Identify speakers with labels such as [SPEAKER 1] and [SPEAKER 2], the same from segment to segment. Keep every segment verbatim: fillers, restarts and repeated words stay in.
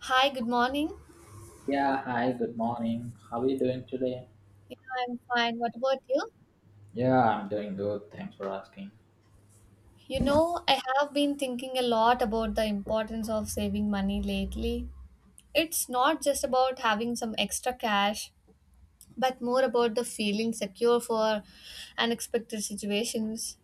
[SPEAKER 1] Hi, good morning.
[SPEAKER 2] Yeah, hi, good morning. How are you doing today?
[SPEAKER 1] Yeah, I'm fine. What about you?
[SPEAKER 2] Yeah, I'm doing good. Thanks for asking.
[SPEAKER 1] You know, I have been thinking a lot about the importance of saving money lately. It's not just about having some extra cash, but more about the feeling secure for unexpected situations.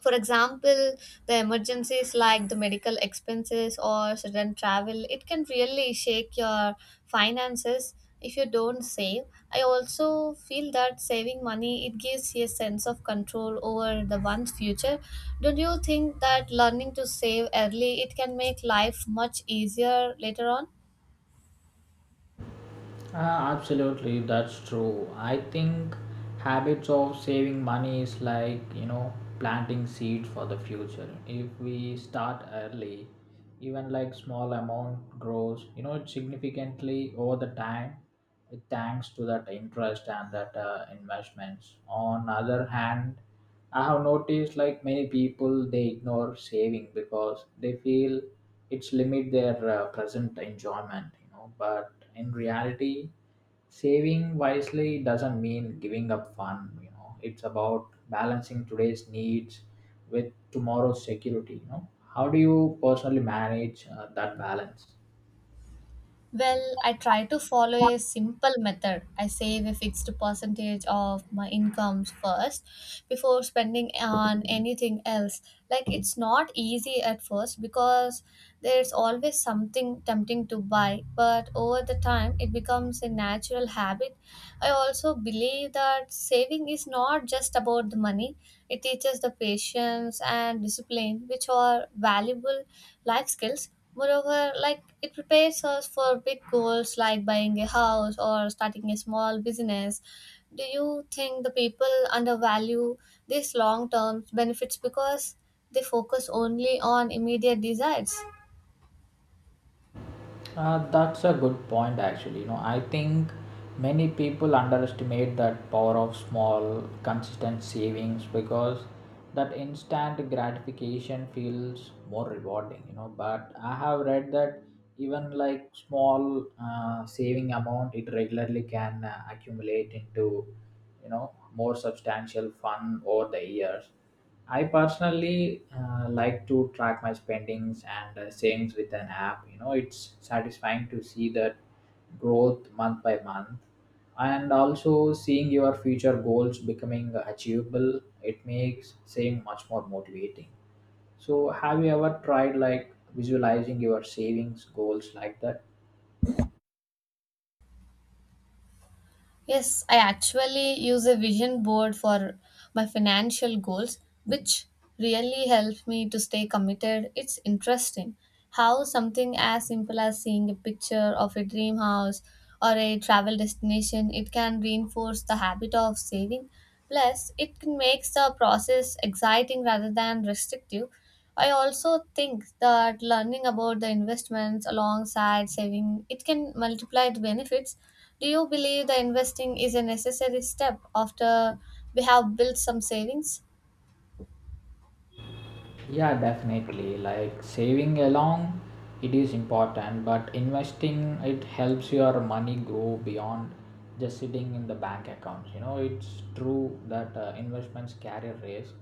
[SPEAKER 1] For example, the emergencies like the medical expenses or sudden travel, it can really shake your finances if you don't save. I also feel that saving money it gives you a sense of control over the one's future. Don't you think that learning to save early it can make life much easier later on?
[SPEAKER 2] Uh, absolutely, that's true. I think habits of saving money is like, you know, planting seeds for the future. If we start early, even like small amount grows, you know, it significantly over the time, uh, thanks to that interest and that uh, investments. On other hand, I have noticed like many people they ignore saving because they feel it's limit their uh, present enjoyment, you know, but in reality, saving wisely doesn't mean giving up fun. You know, it's about balancing today's needs with tomorrow's security. You know, how do you personally manage uh, that balance?
[SPEAKER 1] Well, I try to follow a simple method. I save a fixed percentage of my incomes first before spending on anything else. Like it's not easy at first because there's always something tempting to buy, but over the time it becomes a natural habit. I also believe that saving is not just about the money. It teaches the patience and discipline which are valuable life skills. Moreover, like it prepares us for big goals like buying a house or starting a small business. Do you think the people undervalue these long term benefits because they focus only on immediate desires?
[SPEAKER 2] Uh, that's a good point, actually. You know, I think many people underestimate that power of small, consistent savings because that instant gratification feels more rewarding, you know. But I have read that even like small uh, saving amount, it regularly can uh, accumulate into, you know, more substantial fund over the years. I personally uh, like to track my spendings and uh, savings with an app. You know, it's satisfying to see that growth month by month and also seeing your future goals becoming achievable. It makes saving much more motivating. So, have you ever tried like visualizing your savings goals like that?
[SPEAKER 1] Yes, I actually use a vision board for my financial goals, which really helps me to stay committed. It's interesting how something as simple as seeing a picture of a dream house or a travel destination, it can reinforce the habit of saving. Plus, it can makes the process exciting rather than restrictive. I also think that learning about the investments alongside saving, it can multiply the benefits. Do you believe the investing is a necessary step after we have built some savings?
[SPEAKER 2] Yeah, definitely. Like saving along, it is important, but investing it helps your money grow beyond just sitting in the bank accounts. You know, it's true that uh, investments carry risk,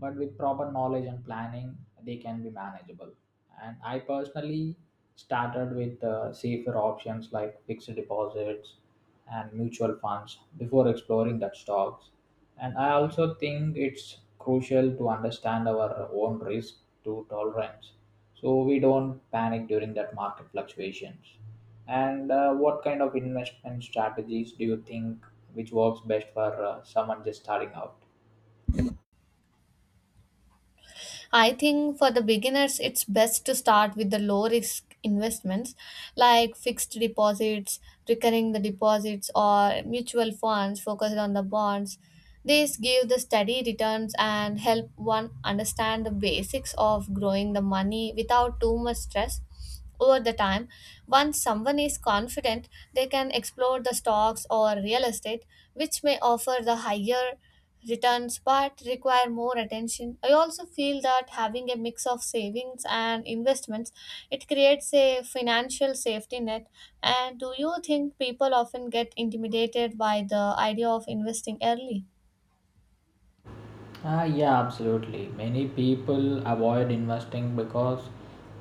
[SPEAKER 2] but with proper knowledge and planning, they can be manageable and I personally started with uh, safer options like fixed deposits and mutual funds before exploring that stocks. And I also think it's crucial to understand our own risk to tolerance so we don't panic during that market fluctuations. And uh, what kind of investment strategies do you think which works best for uh, someone just starting out?
[SPEAKER 1] I think for the beginners, it's best to start with the low risk investments like fixed deposits, recurring the deposits, or mutual funds focused on the bonds. These give the steady returns and help one understand the basics of growing the money without too much stress over the time. Once someone is confident, they can explore the stocks or real estate, which may offer the higher returns but require more attention. I also feel that having a mix of savings and investments it creates a financial safety net. And do you think people often get intimidated by the idea of investing early?
[SPEAKER 2] Ah, yeah, absolutely. Many people avoid investing because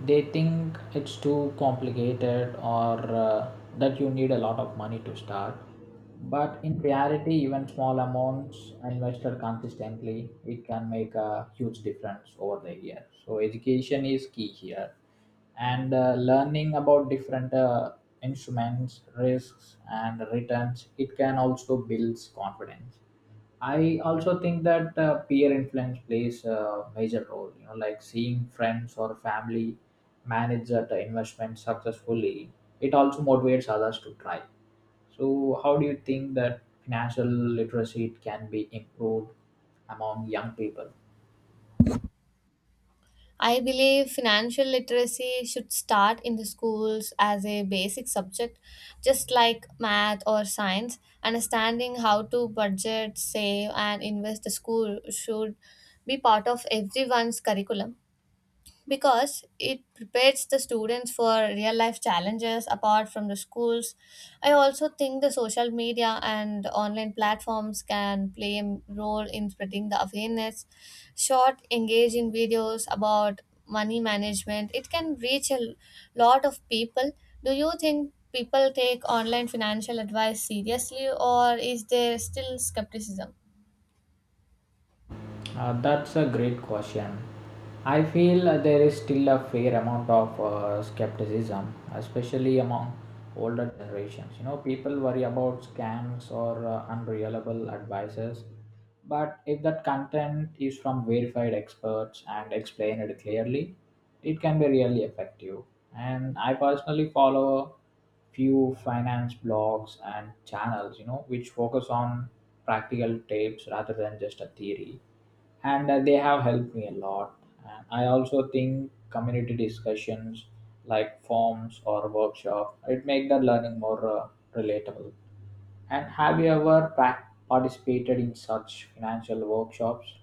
[SPEAKER 2] they think it's too complicated or uh, that you need a lot of money to start. But in reality, even small amounts invested consistently, it can make a huge difference over the year. So education is key here, and uh, learning about different uh, instruments, risks, and returns, it can also builds confidence. I also think that uh, peer influence plays a major role. You know, like seeing friends or family manage that investment successfully, it also motivates others to try. So, how do you think that financial literacy can be improved among young people?
[SPEAKER 1] I believe financial literacy should start in the schools as a basic subject, just like math or science. Understanding how to budget, save, and invest the school should be part of everyone's curriculum, because it prepares the students for real life challenges apart from the schools. I also think the social media and online platforms can play a role in spreading the awareness. Short, engaging videos about money management, it can reach a lot of people. Do you think people take online financial advice seriously, or is there still skepticism?
[SPEAKER 2] Uh, that's a great question. I feel uh, there is still a fair amount of uh, skepticism, especially among older generations. You know, people worry about scams or uh, unreliable advices. But if that content is from verified experts and explained clearly, it can be really effective. And I personally follow few finance blogs and channels, you know, which focus on practical tips rather than just a theory. And uh, they have helped me a lot. And I also think community discussions like forums or workshop it make the learning more uh, relatable. And have you ever prac- participated in such financial workshops?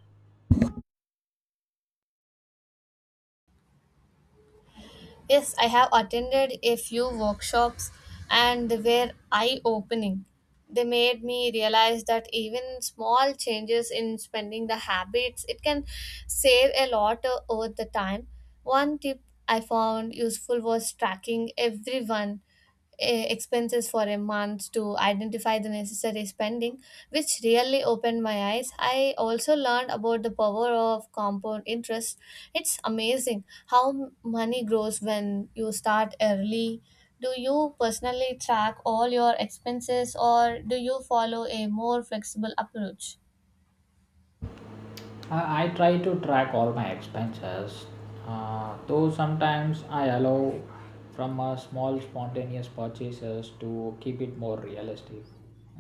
[SPEAKER 1] Yes, I have attended a few workshops and they were eye opening. They made me realize that even small changes in spending the habits, it can save a lot o- over the time. One tip I found useful was tracking everyone eh, expenses for a month to identify the necessary spending, which really opened my eyes. I also learned about the power of compound interest. It's amazing how m- money grows when you start early. Do you personally track all your expenses or do you follow a more flexible approach?
[SPEAKER 2] I, I try to track all my expenses, uh, though sometimes I allow from a small spontaneous purchases to keep it more realistic.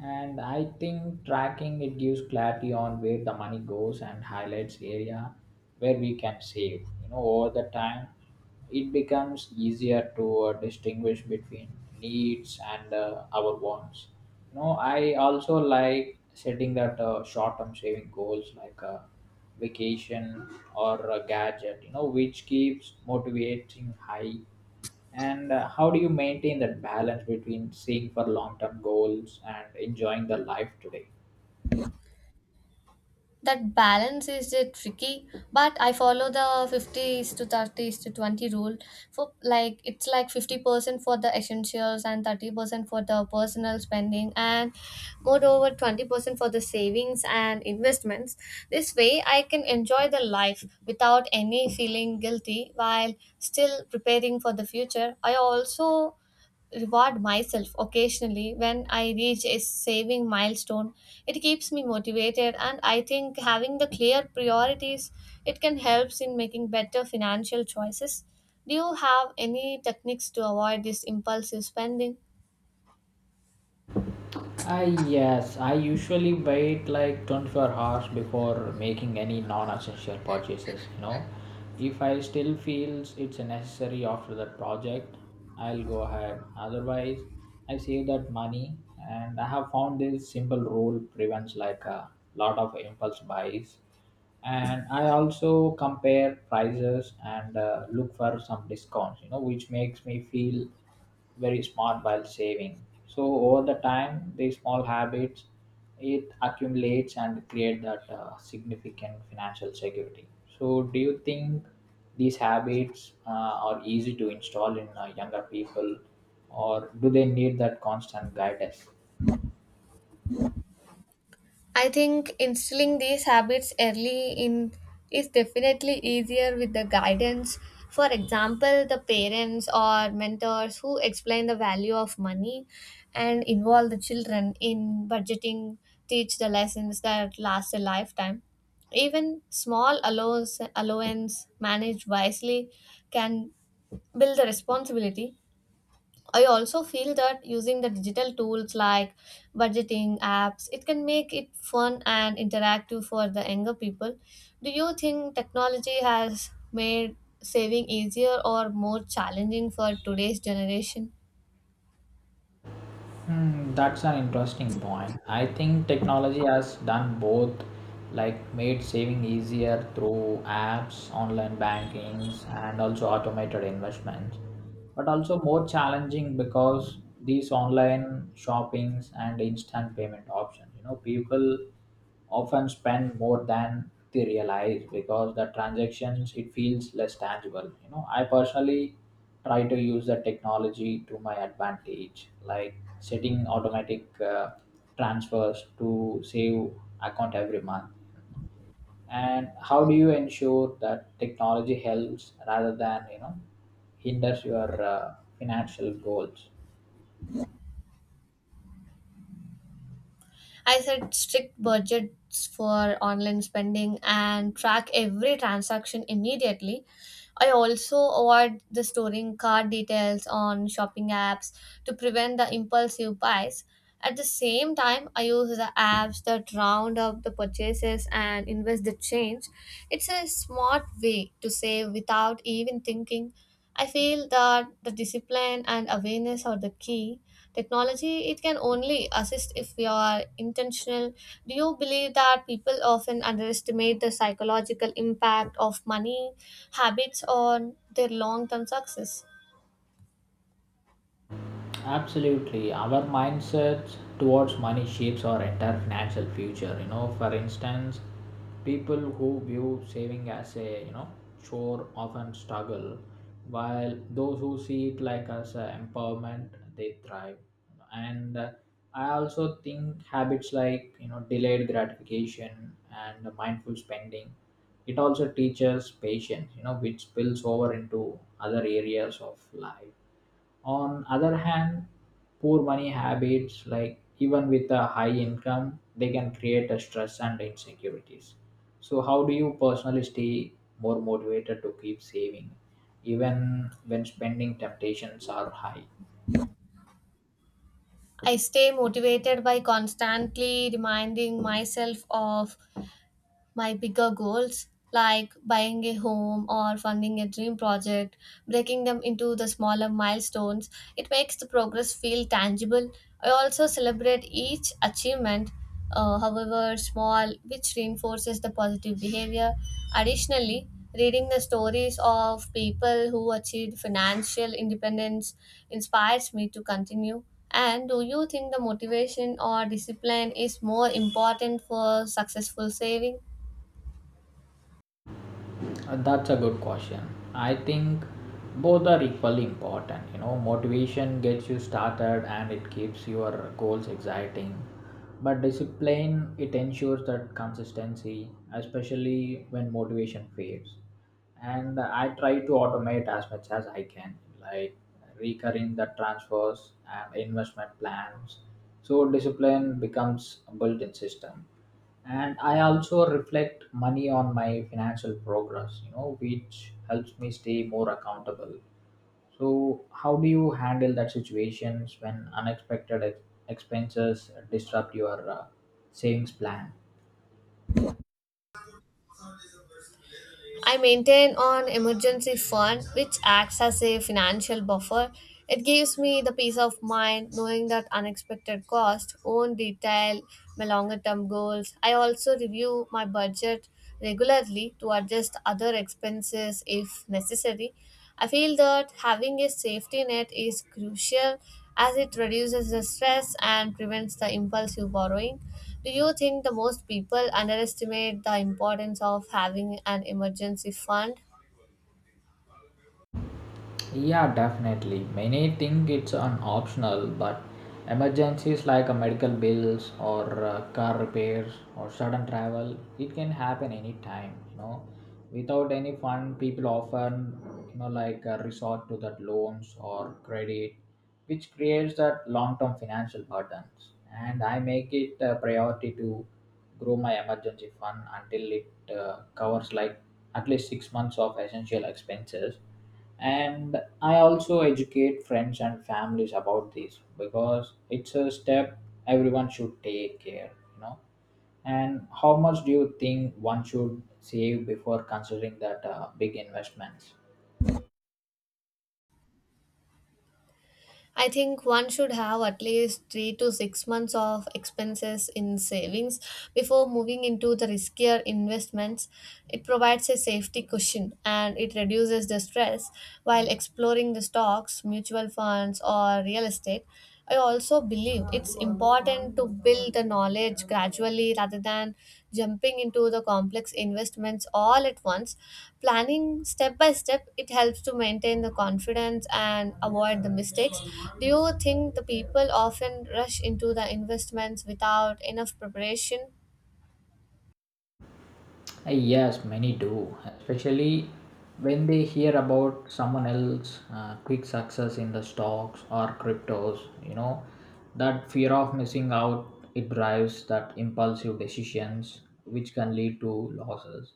[SPEAKER 2] And I think tracking it gives clarity on where the money goes and highlights area where we can save. You know, over the time, it becomes easier to uh, distinguish between needs and uh, our wants. No, I also like setting that uh, short-term saving goals like a vacation or a gadget, you know, which keeps motivating high. And uh, how do you maintain that balance between seeing for long-term goals and enjoying the life today?
[SPEAKER 1] That balance is uh, tricky, but I follow the fifty is to thirty is to twenty rule. For like it's like fifty percent for the essentials and thirty percent for the personal spending, and moreover twenty percent for the savings and investments. This way I can enjoy the life without any feeling guilty while still preparing for the future. I also reward myself occasionally when I reach a saving milestone. It keeps me motivated, and I think having the clear priorities it can help in making better financial choices. Do you have any techniques to avoid this impulsive spending?
[SPEAKER 2] I yes, I usually wait like twenty-four hours before making any non-essential purchases, you know. If I still feels it's necessary after that project, I'll go ahead. Otherwise, I save that money. And I have found this simple rule prevents like a lot of impulse buys. And I also compare prices and uh, look for some discounts, you know which makes me feel very smart while saving. So over the time these small habits it accumulates and create that uh, significant financial security. So do you think these habits uh, are easy to install in uh, younger people or do they need that constant guidance?
[SPEAKER 1] I think instilling these habits early in is definitely easier with the guidance. For example, the parents or mentors who explain the value of money and involve the children in budgeting, teach the lessons that last a lifetime. Even small allowance, allowance managed wisely can build the responsibility. I also feel that using the digital tools like budgeting apps, it can make it fun and interactive for the younger people. Do you think technology has made saving easier or more challenging for today's generation?
[SPEAKER 2] Hmm, that's an interesting point. I think technology has done both, like made saving easier through apps, online bankings, and also automated investments, but also more challenging because these online shoppings and instant payment options, you know, people often spend more than they realize because the transactions it feels less tangible you know i personally try to use the technology to my advantage like setting automatic uh, transfers to save account every month. And how do you ensure that technology helps rather than you know hinders your uh, financial goals?
[SPEAKER 1] I set strict budgets for online spending and track every transaction immediately. I also avoid the storing card details on shopping apps to prevent the impulsive buys. At the same time, I use the apps that round up the purchases and invest the change. It's a smart way to save without even thinking. I feel that the discipline and awareness are the key. Technology, it can only assist if we are intentional. Do you believe that people often underestimate the psychological impact of money habits on their long term success?
[SPEAKER 2] Absolutely. Our mindset towards money shapes our entire financial future. You know, for instance, people who view saving as a you know chore often struggle, while those who see it like as a empowerment they thrive. And uh, I also think habits like you know delayed gratification and mindful spending it also teaches patience. You know, which spills over into other areas of life. On other hand, poor money habits, like even with a high income, they can create a stress and insecurities. So, how do you personally stay more motivated to keep saving, even when spending temptations are high?
[SPEAKER 1] I stay motivated by constantly reminding myself of my bigger goals like buying a home or funding a dream project. Breaking them into the smaller milestones it makes the progress feel tangible. I also celebrate each achievement, uh, however small, which reinforces the positive behavior. Additionally, reading the stories of people who achieved financial independence inspires me to continue. And do you think the motivation or discipline is more important for successful saving?
[SPEAKER 2] Uh, That's a good question. I think both are equally important. You know, motivation gets you started and it keeps your goals exciting. But discipline, it ensures that consistency, especially when motivation fades. And I try to automate as much as I can like recurring the transfers and investment plans, so discipline becomes a built-in system. And I also reflect money on my financial progress, you know which helps me stay more accountable. So how do you handle that situations when unexpected ex- expenses disrupt your uh, savings plan?
[SPEAKER 1] I maintain an emergency fund which acts as a financial buffer. It gives me the peace of mind knowing that unexpected costs won't detail my longer term goals. I also review my budget regularly to adjust other expenses if necessary. I feel that having a safety net is crucial as it reduces the stress and prevents the impulsive borrowing. Do you think the most people underestimate the importance of having an emergency fund?
[SPEAKER 2] Yeah, definitely. Many think it's an optional, but emergencies like a medical bills or uh, car repairs or sudden travel, it can happen anytime. You know, without any fund, people often you know like uh, resort to that loans or credit, which creates that long-term financial burdens. And I make it a priority to grow my emergency fund until it uh, covers like at least six months of essential expenses. And I also educate friends and families about this because it's a step everyone should take care, you know and how much do you think one should save before considering that uh, big investments?
[SPEAKER 1] I think one should have at least three to six months of expenses in savings before moving into the riskier investments. It provides a safety cushion and it reduces the stress while exploring the stocks, mutual funds, or real estate. I also believe it's important to build the knowledge gradually rather than jumping into the complex investments all at once. Planning step by step, it helps to maintain the confidence and avoid the mistakes. Do you think the people often rush into the investments without enough preparation?
[SPEAKER 2] Uh, Yes, many do, especially when they hear about someone else' uh, quick success in the stocks or cryptos. You know, that fear of missing out it drives that impulsive decisions, which can lead to losses.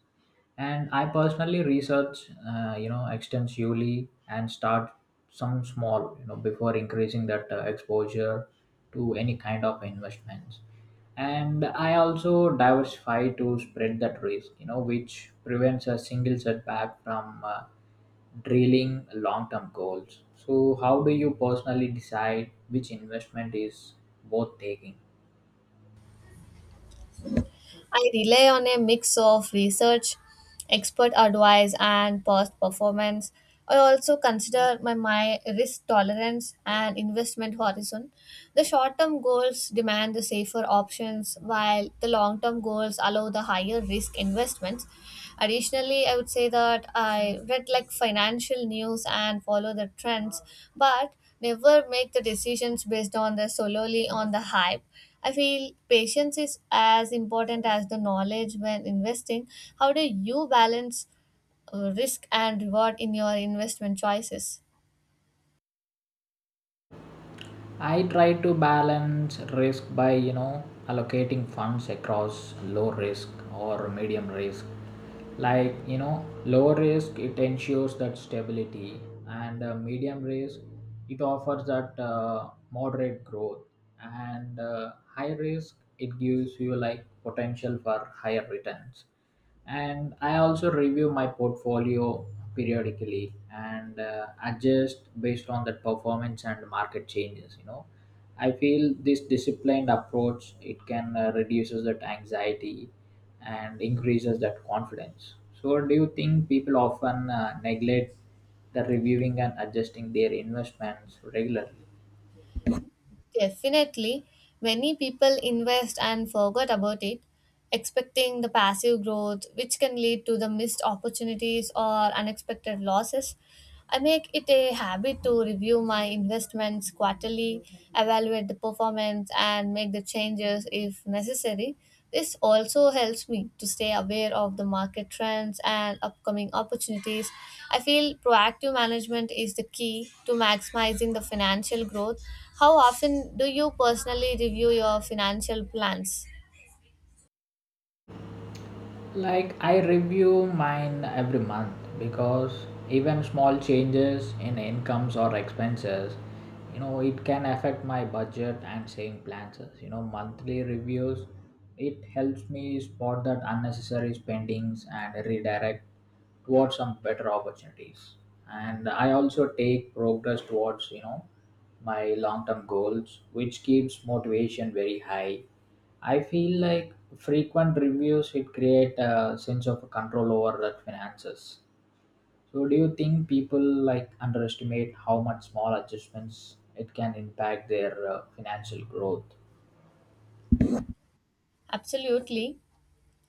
[SPEAKER 2] And I personally research, uh, you know, extensively and start some small, you know, before increasing that uh, exposure to any kind of investments. And I also diversify to spread that risk, you know which prevents a single setback from uh, drilling long term goals. So how do you personally decide which investment is worth taking?
[SPEAKER 1] I rely on a mix of research, expert advice, and past performance. I also consider my, my risk tolerance and investment horizon. The short term goals demand the safer options, while the long term goals allow the higher risk investments. Additionally, I would say that I read like financial news and follow the trends, but never make the decisions based on the solely on the hype. I feel patience is as important as the knowledge when investing. How do you balance uh, risk and reward in your investment choices?
[SPEAKER 2] I try to balance risk by you know allocating funds across low risk or medium risk. Like you know, low risk it ensures that stability, and uh, medium risk it offers that uh, moderate growth, and uh, high risk it gives you like potential for higher returns. And I also review my portfolio periodically and uh, adjust based on the performance and market changes, you know I feel this disciplined approach it can uh, reduces that anxiety and increases that confidence. So do you think people often uh, neglect the reviewing and adjusting their investments regularly?
[SPEAKER 1] Definitely, many people invest and forget about it, expecting the passive growth, which can lead to the missed opportunities or unexpected losses. I make it a habit to review my investments quarterly, evaluate the performance, and make the changes if necessary. This also helps me to stay aware of the market trends and upcoming opportunities. I feel proactive management is the key to maximizing the financial growth. How often do you personally review your financial plans?
[SPEAKER 2] Like I review mine every month because even small changes in incomes or expenses, you know it can affect my budget and saving plans. You know monthly reviews it helps me spot that unnecessary spendings and redirect towards some better opportunities. And I also take progress towards you know my long term goals which keeps motivation very high. I feel like frequent reviews it create a sense of control over that finances. So do you think people like underestimate how much small adjustments it can impact their uh, financial growth?
[SPEAKER 1] Absolutely.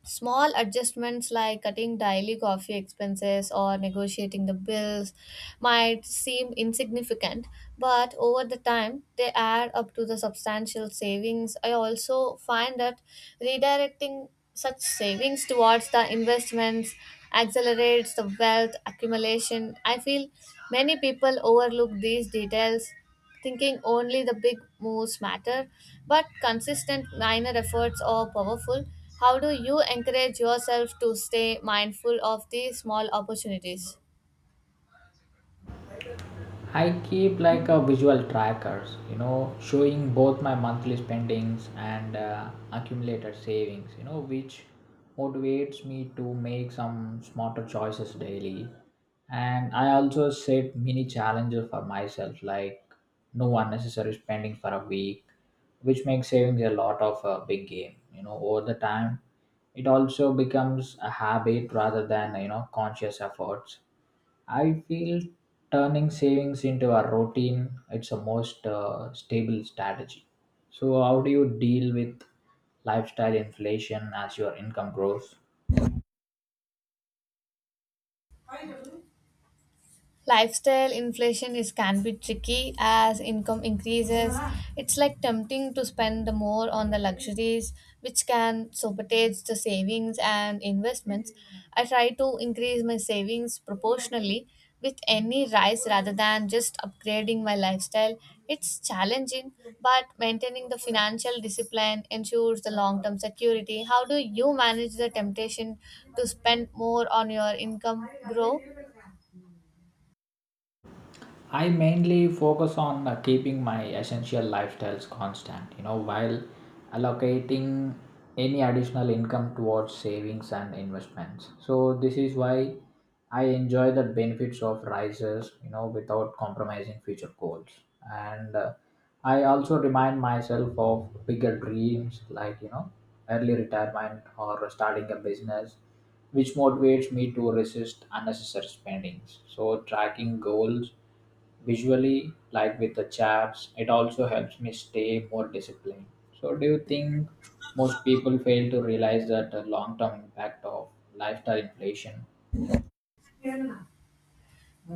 [SPEAKER 1] Small adjustments like cutting daily coffee expenses or negotiating the bills might seem insignificant, but over the time they add up to the substantial savings. I also find that redirecting such savings towards the investments accelerates the wealth accumulation. I feel many people overlook these details thinking only the big moves matter, but consistent minor efforts are powerful. How do you encourage yourself to stay mindful of these small opportunities?
[SPEAKER 2] I keep like a visual trackers, you know, showing both my monthly spendings and uh, accumulated savings, you know, which motivates me to make some smarter choices daily. And I also set mini challenges for myself, like no unnecessary spending for a week, which makes savings a lot of a big game. You know, over the time, it also becomes a habit rather than you know conscious efforts. I feel turning savings into a routine it's a most uh, stable strategy. So, how do you deal with lifestyle inflation as your income grows?
[SPEAKER 1] Lifestyle inflation is can be tricky as income increases. It's like tempting to spend the more on the luxuries, which can sabotage the savings and investments. I try to increase my savings proportionally with any rise rather than just upgrading my lifestyle. It's challenging, but maintaining the financial discipline ensures the long term security. How do you manage the temptation to spend more on your income grow?
[SPEAKER 2] I mainly focus on uh, keeping my essential lifestyles constant, you know, while allocating any additional income towards savings and investments. So this is why I enjoy the benefits of rises, you know, without compromising future goals. And uh, I also remind myself of bigger dreams like, you know, early retirement or starting a business, which motivates me to resist unnecessary spendings. So tracking goals visually, like with the charts, it also helps me stay more disciplined. So, do you think most people fail to realize that the long term impact of lifestyle inflation?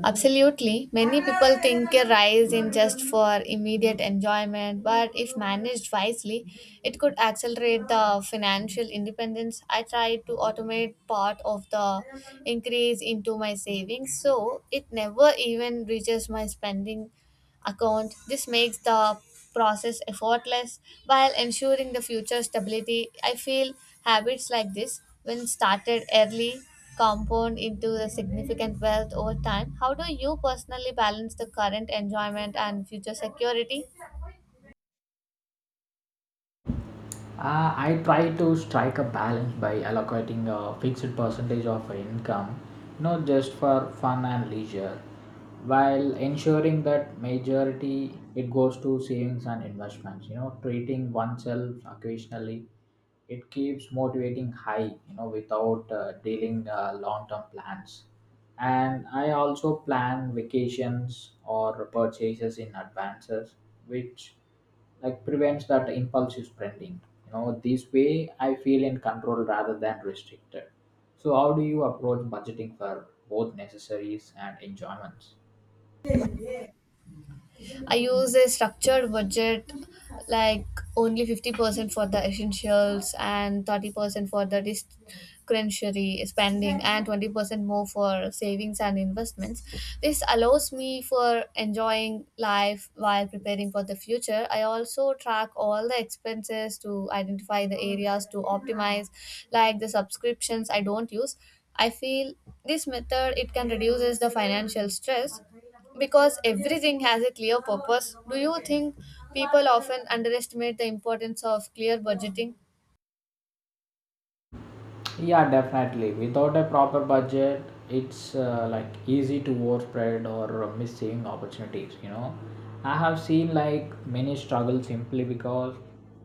[SPEAKER 1] Absolutely. Many people think a rise in just for immediate enjoyment, but if managed wisely, it could accelerate the financial independence. I tried to automate part of the increase into my savings, so it never even reaches my spending account. This makes the process effortless while ensuring the future stability. I feel habits like this, when started early, compound into the significant wealth over time. How do you personally balance the current enjoyment and future security?
[SPEAKER 2] Uh, I try to strike a balance by allocating a fixed percentage of income, not just for fun and leisure, while ensuring that majority it goes to savings and investments. You know, treating oneself occasionally, it keeps motivating high. You know, without uh, dealing uh, long-term plans. And I also plan vacations or purchases in advances, which like prevents that impulsive spending. You know, this way I feel in control rather than restricted. So how do you approach budgeting for both necessaries and enjoyments?
[SPEAKER 1] I use a structured budget like only fifty percent for the essentials and thirty percent for the discretionary spending and twenty percent more for savings and investments. This allows me for enjoying life while preparing for the future. I also track all the expenses to identify the areas to optimize like the subscriptions I don't use. I feel this method it can reduces the financial stress because everything has a clear purpose. Do you think people often underestimate the importance of clear budgeting?
[SPEAKER 2] Yeah, definitely, without a proper budget it's uh, like easy to overspread or miss saving opportunities, you know. I have seen like many struggle simply because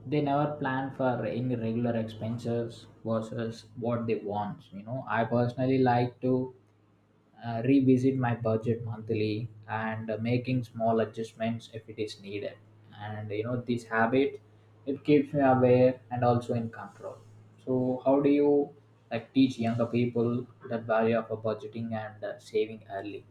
[SPEAKER 2] they never plan for any regular expenses versus what they want, you know. I personally like to uh, revisit my budget monthly and uh, making small adjustments if it is needed. And you know, this habit, it keeps me aware and also in control. So how do you like teach younger people that value of a budgeting and uh, saving early?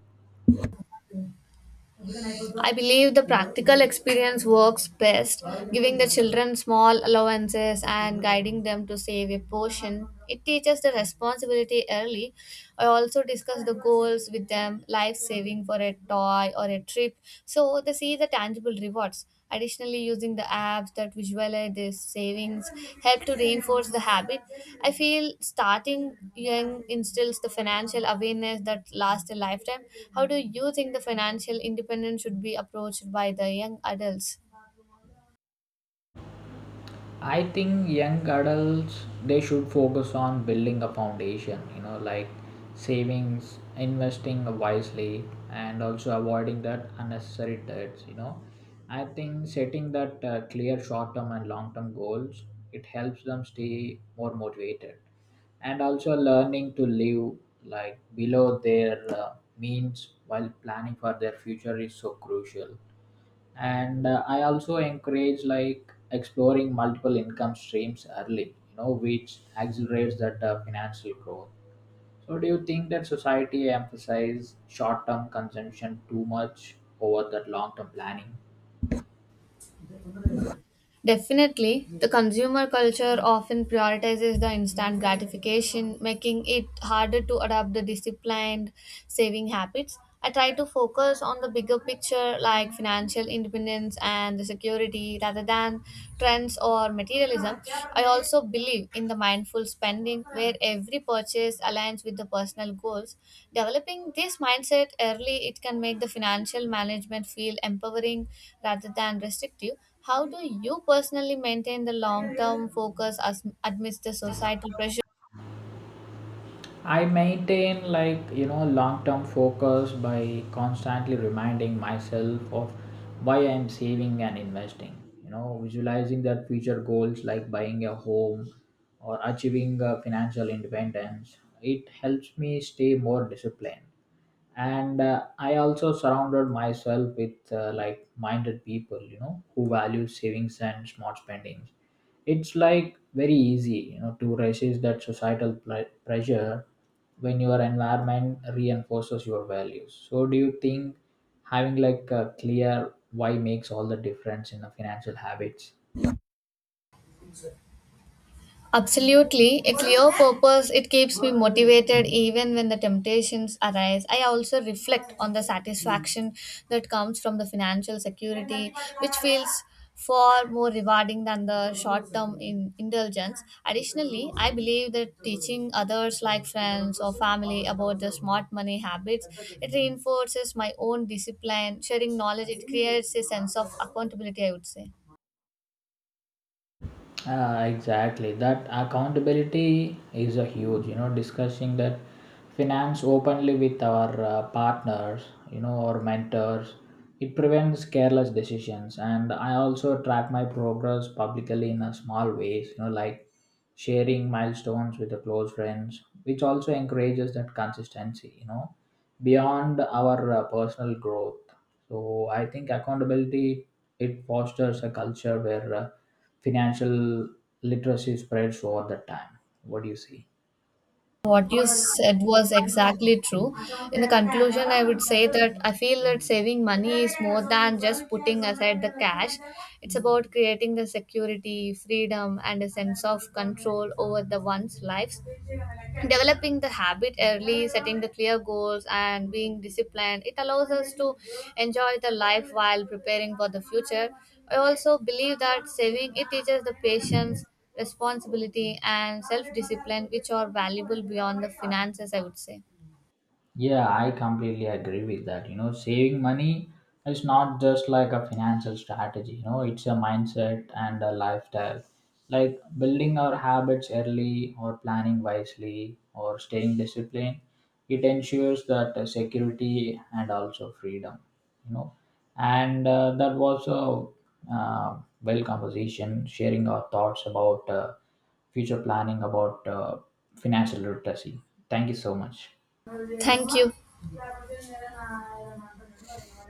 [SPEAKER 1] I believe the practical experience works best, giving the children small allowances and guiding them to save a portion. It teaches the responsibility early. I also discuss the goals with them, life saving for a toy or a trip, so they see the tangible rewards. Additionally, using the apps that visualize their savings help to reinforce the habit. I feel starting young instills the financial awareness that lasts a lifetime. How do you think the financial independence should be approached by the young adults?
[SPEAKER 2] I think young adults, they should focus on building a foundation, you know, like savings, investing wisely, and also avoiding that unnecessary debts. You know, I think setting that uh, clear short-term and long-term goals, it helps them stay more motivated, and also learning to live like below their uh, means while planning for their future is so crucial. And uh, I also encourage like exploring multiple income streams early, you know, which accelerates that uh, financial growth. So do you think that society emphasize short term consumption too much over that long term planning?
[SPEAKER 1] Definitely, the consumer culture often prioritizes the instant gratification, making it harder to adopt the disciplined saving habits. I try to focus on the bigger picture like financial independence and the security rather than trends or materialism. I also believe in the mindful spending where every purchase aligns with the personal goals. Developing this mindset early, it can make the financial management feel empowering rather than restrictive. How do you personally maintain the long term focus as, amidst the societal pressure?
[SPEAKER 2] I maintain like, you know, long term focus by constantly reminding myself of why I'm saving and investing. You know, visualizing that future goals like buying a home or achieving uh, financial independence. It helps me stay more disciplined, and uh, I also surrounded myself with uh, like minded people, you know, who value savings and smart spendings. It's like very easy, you know, to resist that societal pl- pressure when your environment reinforces your values. So do you think having like a clear why makes all the difference in the financial habits?
[SPEAKER 1] Absolutely. A clear purpose, it keeps me motivated even when the temptations arise. I also reflect on the satisfaction that comes from the financial security, which feels far more rewarding than the short term in indulgence. Additionally, I believe that teaching others, like friends or family, about the smart money habits, it reinforces my own discipline. Sharing knowledge, it creates a sense of accountability, I would say.
[SPEAKER 2] Ah, exactly. That accountability is a huge, you know, discussing that finance openly with our uh, partners, you know, or mentors. It prevents careless decisions. And I also track my progress publicly in a small ways, you know, like sharing milestones with the close friends, which also encourages that consistency, you know, beyond our uh, personal growth. So I think accountability, it fosters a culture where uh, financial literacy spreads over the time. What do you see?
[SPEAKER 1] What you said was exactly true. In the conclusion, I would say that I feel that saving money is more than just putting aside the cash. It's about creating the security, freedom, and a sense of control over the one's lives. Developing the habit early, setting the clear goals, and being disciplined, it allows us to enjoy the life while preparing for the future. I also believe that saving it teaches the patience, responsibility, and self-discipline, which are valuable beyond the finances, I would say.
[SPEAKER 2] Yeah, I completely agree with that. You know, saving money is not just like a financial strategy, you know, it's a mindset and a lifestyle. Like building our habits early or planning wisely or staying disciplined, it ensures that uh, security and also freedom, you know. And uh, that was a uh, well conversation, sharing our thoughts about uh, future planning, about uh, financial literacy. Thank you so much.
[SPEAKER 1] Thank you.